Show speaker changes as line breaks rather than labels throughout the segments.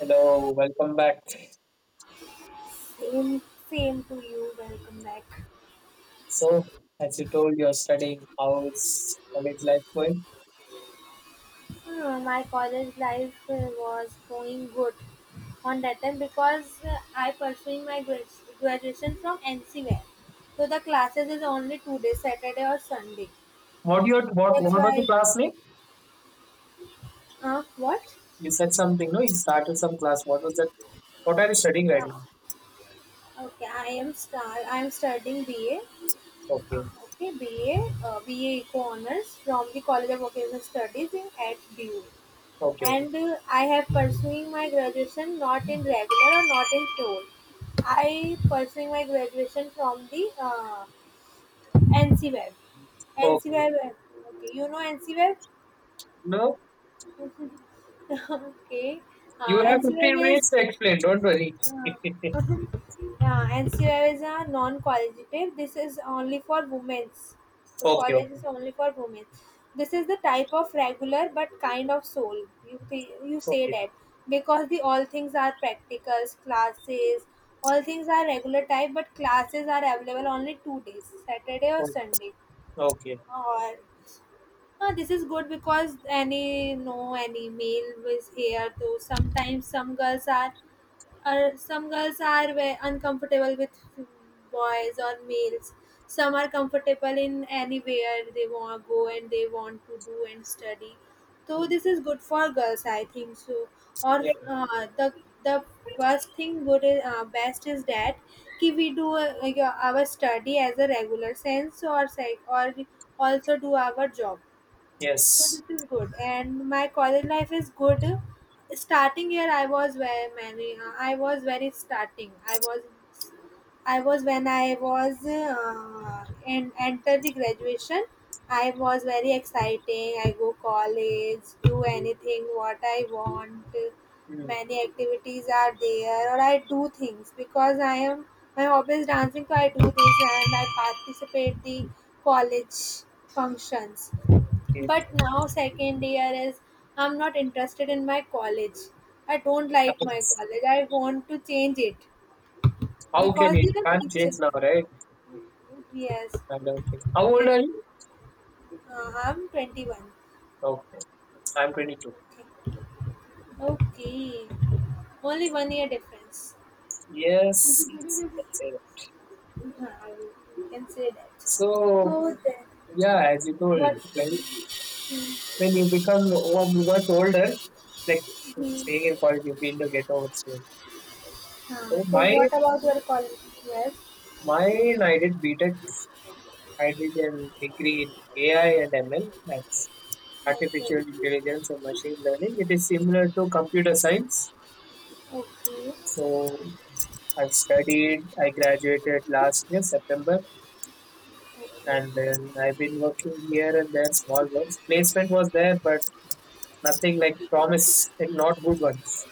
Hello, welcome back.
Same, same to you. Welcome back.
So, as you told, you're studying. How's college life going?
My college life was going good on that time because I pursuing my graduation from NCWare. So the classes is only 2 days, Saturday or Sunday.
What your
That's
what was the
why.
class name?
What?
You said something, no? You started some class. What was that? What are you studying right now?
Ah, okay, I am studying BA.
Okay,
Okay, BA, BA Eco Honors from the College of Vocational Studies in at DU.
okay, okay,
And I have pursuing my graduation not in regular or not in toll. I pursuing my graduation from the NCWeb.
okay. Okay.
NCWeb, okay, you know NCWeb?
No,
Okay,
you have 15
NCWeb
minutes
is.
to explain. Don't worry. Okay,
Yeah, and C I is are non-qualitative. This is only for women's. The
okay,
college is only for women. This is the type of regular but kind of soul. You say
okay,
that because the all things are practicals, classes, all things are regular type, but classes are available only 2 days, Saturday or
okay.
Sunday.
Okay.
Or this is good because any no any male was here. Though sometimes some girls are or some girls are uncomfortable with boys or males. Some are comfortable in anywhere they want to go and they want to do and study. So
Mm,
this is good for girls, I think so. Or
yeah,
the the first thing good is, best is that कि we do our study as a regular sense or psych or we also do our job. So
yes.
this is good, and my college life is good. Starting year, I was very many. I was very starting. I was when I was and entered the graduation. I was very exciting. I go college, do anything what I want.
Mm,
Many activities are there, or I do things because I am my hobby is dancing. So I do this and I participate the college functions,
okay,
but now second year is I'm not interested in my college. I don't like my
happens.
college. I want to change it
How can
because they
you
are
can't change
teachers.
now, right?
Yes,
I don't think. How old
they.
are you?
I'm 21.
Okay, I'm 22.
Okay, only 1 year difference.
Yes, yes, you can say that.
हाँ, you can say that.
So,
So then,
yeah, as you told,
what?
when when you become much older, like staying
Hmm.
in college, you feel the ghetto also.
Uh,
So
so
my
what about your college? Yes.
mine, I did B Tech. I did a degree in AI and ML, that's
Okay,
artificial intelligence and machine learning. It is similar to computer science.
okay,
So I graduated last year September, and then I've been working here and there, small works. Placement was there, but nothing like promise, like not good ones.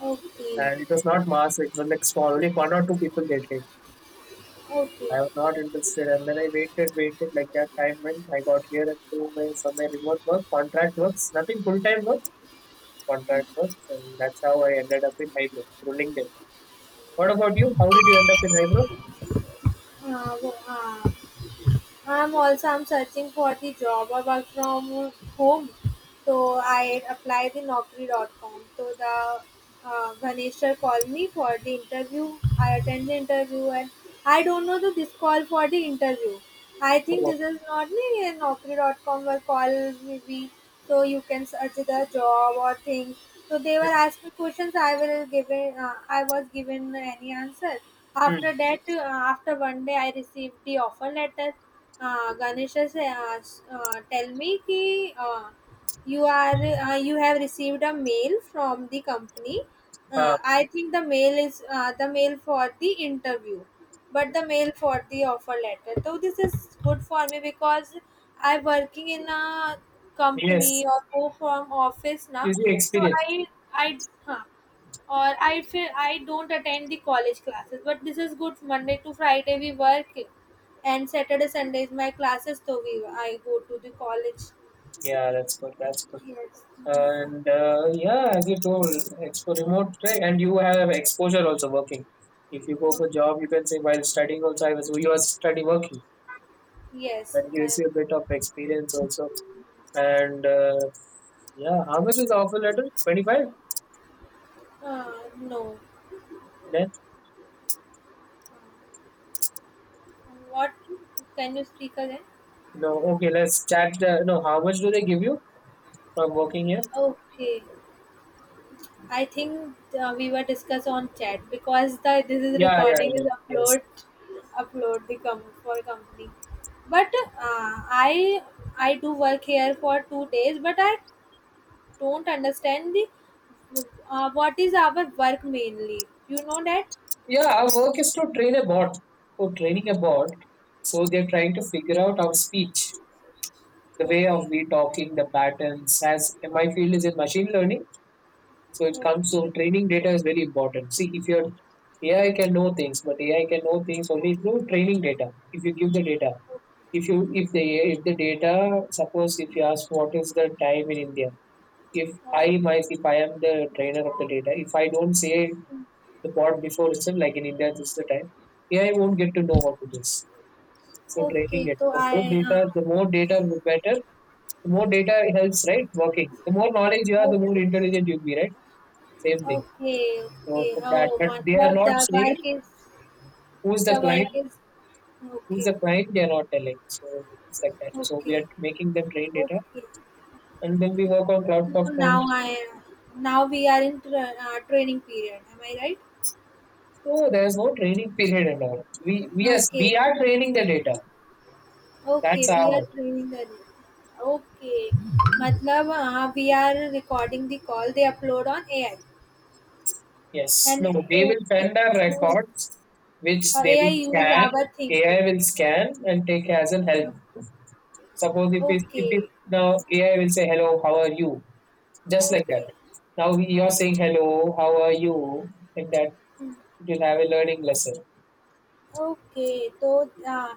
okay,
And
okay,
it was not mass, it was like small, only one or two people they did.
okay.
I was not interested, and then I waited like that time when I got here and do my somewhere remote work, contract works, nothing full time work, contract works, and that's how I ended up in Hybro through LinkedIn. What about you? How did you end up in Hybro?
Uh, wo- uh, I'm also am searching for the job or work from home. So I applied the naukri.com. So the Ganesher called me for the interview. I attend the interview and I don't know the this call for the interview. I think
Oh,
this is not me and naukri.com will call maybe so you can search the job or things. So they were
hmm,
asking questions. I will given. I was given any answer. After
hmm,
that, after one day, I received the offer letter. Ganesha say, tell me ki you are you have received a mail from the company.
uh,
I think the mail is the mail for the interview, but the mail for the offer letter, so this is good for me because I working in a
yes,
company or go from office now.
usually
so i
experience.
i huh, or I feel I don't attend the college classes. But this is good. Monday to Friday we work, and Saturday Sunday is my classes. So we I go to the college.
Yeah, that's good. That's good.
Yes,
And yeah, as you told, expo remote track, and you have exposure also working. If you go
okay.
for job, you can say while studying also, I was you are study working.
Yes,
That gives
man.
you a bit of experience also. And yeah, how much is the offer letter? 25.
No.
Then
What, can you speak again?
no, okay, let's chat. No, how much do they give you from working here?
Okay. I think we were discussed on chat because the this is
Yeah, yeah,
recording
yeah,
is
yes.
upload for company. But I I do work here for 2 days, but I don't understand the what is our work mainly. You know that?
Yeah, our work is to train a bot. For training a bot, so they're trying to figure out our speech, the way of
Okay.
we talking, the patterns. As my field is in machine learning, so it comes to
Okay.
training data is very important. See, if your AI can know things, but AI can know things only through training data. If you give the data, if you if the if the data, suppose if you ask what is the time in India,
Okay.
if I am the trainer of the data, if I don't say the part before itself, like in India, this is the time, AI won't get to know what it is. So training
okay,
it.
तो
For
आए हाँ,
more data, the better, the more data helps, right? Working. The more knowledge you have, the more
okay,
intelligent you'll be, right? Same
okay,
thing.
Okay,
So
okay,
for that,
oh!
but they are
मतलब
not saying who's
the
the client,
work is
who's
okay,
the
okay,
client. They are not telling. So it's like that. So
okay,
we are making them train data,
okay,
and then we work on cloud
तो
platform.
Now I am now we are in ट्र uh, training period, am I right?
So there's no training period and all. Yes,
okay,
we are training the data.
Okay,
That's
we
our
are
work.
Training the okay, मतलब uh, we are recording the call they upload on AI
Yes.
And
No, they will
AI
send our
use
records, which
uh,
they
AI
will
use
scan.
Our thinking.
AI will scan and take as an help. Suppose if it
Okay,
now AI will say hello, how are you? Just like that.
okay,
Now you're saying hello, how are you? Like that, it will have a learning lesson.
okay. So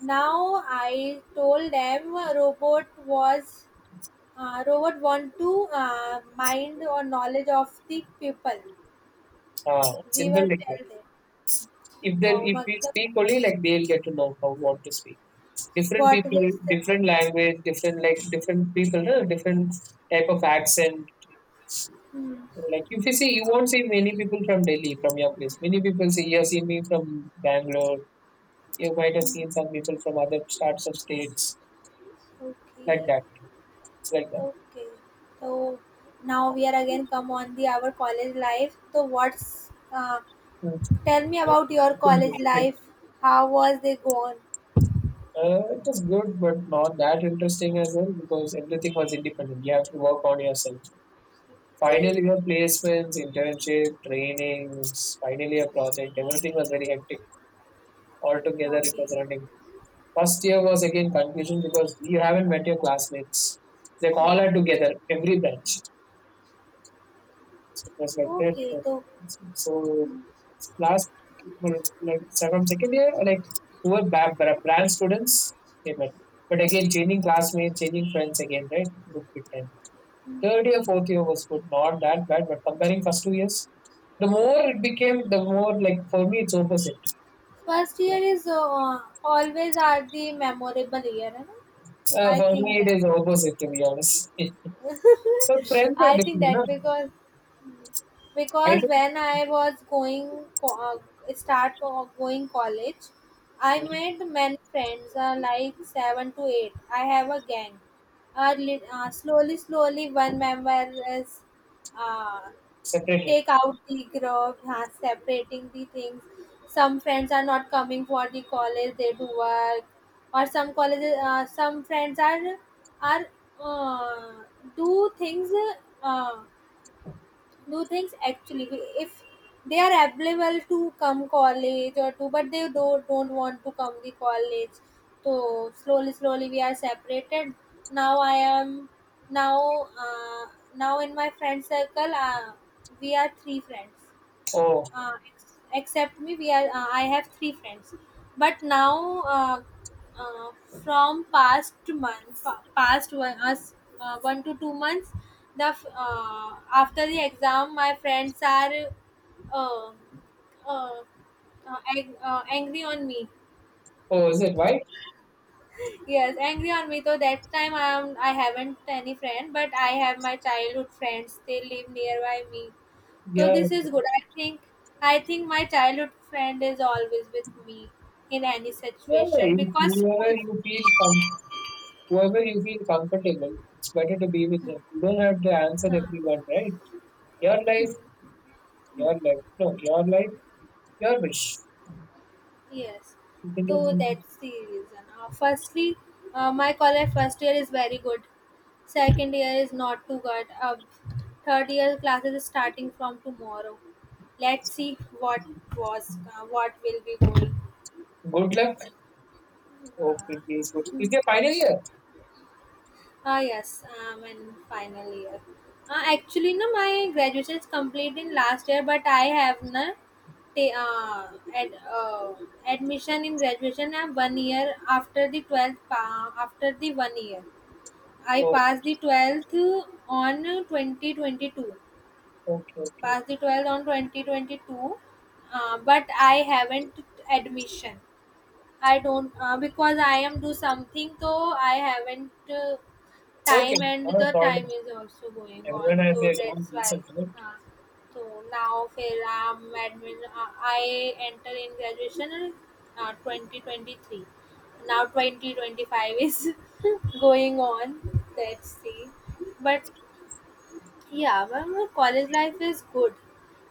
now I told them robot was robot want to mind or knowledge of the people.
Ah,
We
simple
were
like that.
tell them. Oh,
If we
matlab,
speak only, like, they'll get to know how what to speak. Different
what we
people,
s-
different language, different, like, different people, no? Different type of accent.
hmm.
Like if you see, you
Oh,
won't see many people from Delhi from your place. Many people see You have seen me from Bangalore. You might have seen some people from other parts of states
okay,
like that. It's like
okay. So now we are again come on the our college life. So what's
that.
tell me about your college
Mm.
life? How was they gone?
It was good, but not that interesting as well because everything was independent. You have to work on yourself.
Okay.
Finally, your placements, internship, trainings, finally a project. Everything was very hectic. Altogether, it
Okay,
was running. First year was again confusion because you haven't met your classmates. They
okay,
all are together, every branch. So it was like
okay.
that.
So
So
mm,
last, like, from second year, like, who were brand students, they were. But again, changing classmates, changing friends again, right? Took bit time. Third year, fourth year was good, not that bad. But comparing first 2 years, the more it became, the more like for me, it's opposite.
first year is always are the memorable year, I
For
think
me, it
that.
is opposite to be honest. So friends were
I think
different, no?
that because
I
when I was going co- going college, I
didn't
made many friends, like seven to eight. I have a gang. Slowly, slowly, one member is uh,
separated.
take out the grub, separating the things. Some friends are not coming for the college; they do work, or some colleges, some friends are uh, do things. Uh, do things actually if they are available to come college or to but they don't want to come the college so slowly slowly we are separated. Now i am now uh, now in my friend circle we are three friends
Oh,
except me we are I have three friends, but now uh, from past month fa- past one us 1 to 2 months the after the exam my friends are uh, uh, angry on me.
oh, is it why?
Yes, angry on me. So that time I haven't any friend, but I have my childhood friends. They live nearby me, so
Yeah,
this
yeah.
is good. I think my childhood friend is always with me in any
Yeah.
situation
If you,
because
Whenever
school.
you feel, whoever you feel comfortable, it's better to be with them. You don't have to answer
Huh,
everyone, right? Your life, your life. No, your life, your wish.
yes,
You can
so
do
that's the reason. Firstly, my college first year is very good. Second year is not too good. Third year classes is starting from tomorrow. Let's see
it.
what will be going.
Good luck. Okay, please. Good. Is your final year?
Ah yes, am in final year. Actually, no, my graduation is complete in last year, but I have na ta- uh, ad, uh, admission in graduation. I 1 year after the 12th. After the 1 year, I
Oh,
passed the 12th on 2022.
okay, okay.
Passed the 12th on 2022, but I haven't admission. I don't because I am do something. So I haven't
Okay.
time, and
Not a
the
problem.
time is also going
Everyone
on,
has
so
their own
that's why
reasons, right?
uh, so now फिर I enter in graduation 2023. Now 2025 is going on, let's see, but yeah, but my college life is good.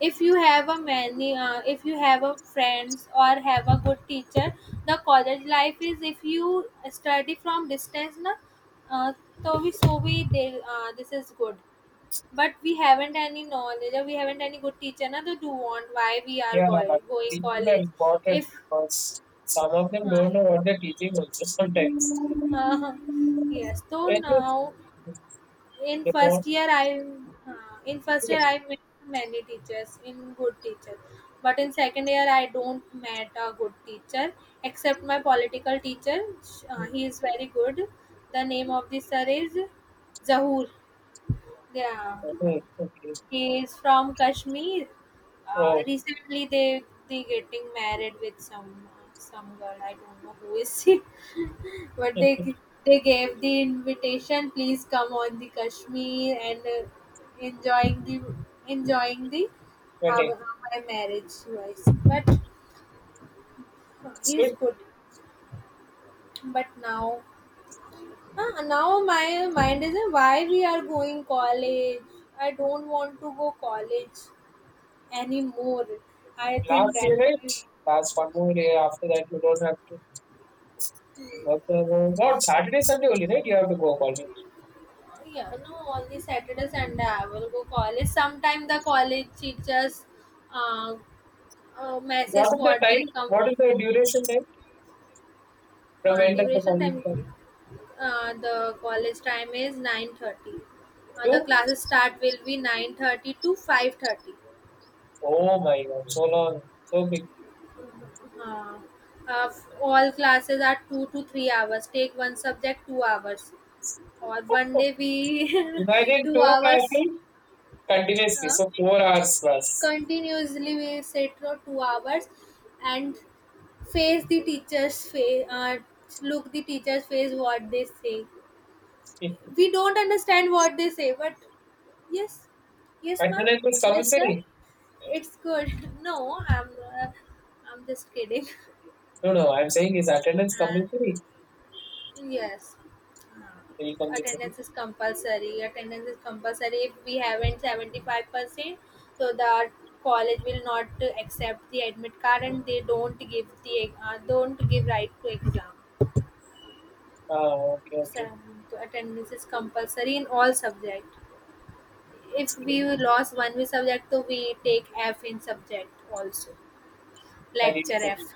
If you have a many, If you have a friends or have a good teacher, the college life is. If you study from distance, na, uh, this is good. But we haven't any knowledge or we haven't any good teacher. Na, to do want why we are
Yeah,
going
teachers are
college.
important
If
because some of them don't know what they're teaching also sometimes.
uh, yes, so
And yes,
now
they want
in first year I
to.
met many teachers in good teachers, but in second year I don't met a good teacher except my political teacher. He is very good. The name of the sir is Zahur. Yeah,
Okay, okay.
he is from Kashmir.
Oh,
Recently they getting married with some girl. I don't know who is she. But they they gave the invitation. Please come on the Kashmir and enjoying the enjoying the
okay.
our, my marriage wise. But
It's
he's
good.
good. But now now my mind is why we are going college. I don't want to go college anymore. I think
Last
that.
year, right? Last one more year after that, you don't have to work, not Saturday, Sunday only, right? You have to go college.
Yeah, no, only Saturday, Sunday I will go college. Sometime the college teachers uh,
What
message
is
for
the time?
the
What is the duration time from end of the
duration
college term
time. The college time is 9:30. The
to?
classes start will be 9:30 to 5:30.
Oh my god, so long, so big.
Uh, uh, all classes are 2 to 3 hours. Take one subject 2 hours. Or one day we
Imagine
2
two
hours.
classes continuously,
Uh,
so 4 hours plus.
Continuously we sit for 2 hours and face the teacher's face look the teacher's face what they say. We don't understand what they say, but yes, yes, ma'am,
Attendance is
yes, sir,
compulsory.
it's good. No, uh, I'm just kidding.
No, no, I'm saying is attendance
Uh,
compulsory.
Yes.
Very
Uh,
compulsory.
Attendance is compulsory. Attendance is compulsory. If we haven't 75%, so the college will not accept the admit card and they don't give the don't give right to exam.
Ah, okay,
So
okay.
to attendance is compulsory in all subject. If we lost one we subject, so we take F in subject also,
I need
lecture F.
something.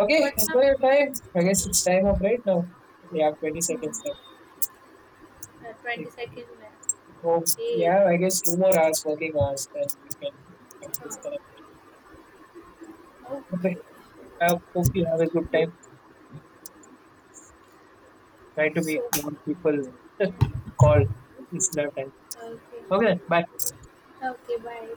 Okay,
But now,
enjoy your time. I guess it's time up right now. We have 20 seconds
hmm,
left. Like,
22nd.
oh,
Okay.
yeah, I guess two more hours working hours, then we can
Uh,
disconnect. Okay,
okay.
I hope you have a good time. Try to
So,
meet more people.
mm, yeah.
Call. It's love time. Okay,
Okay,
bye.
okay, bye.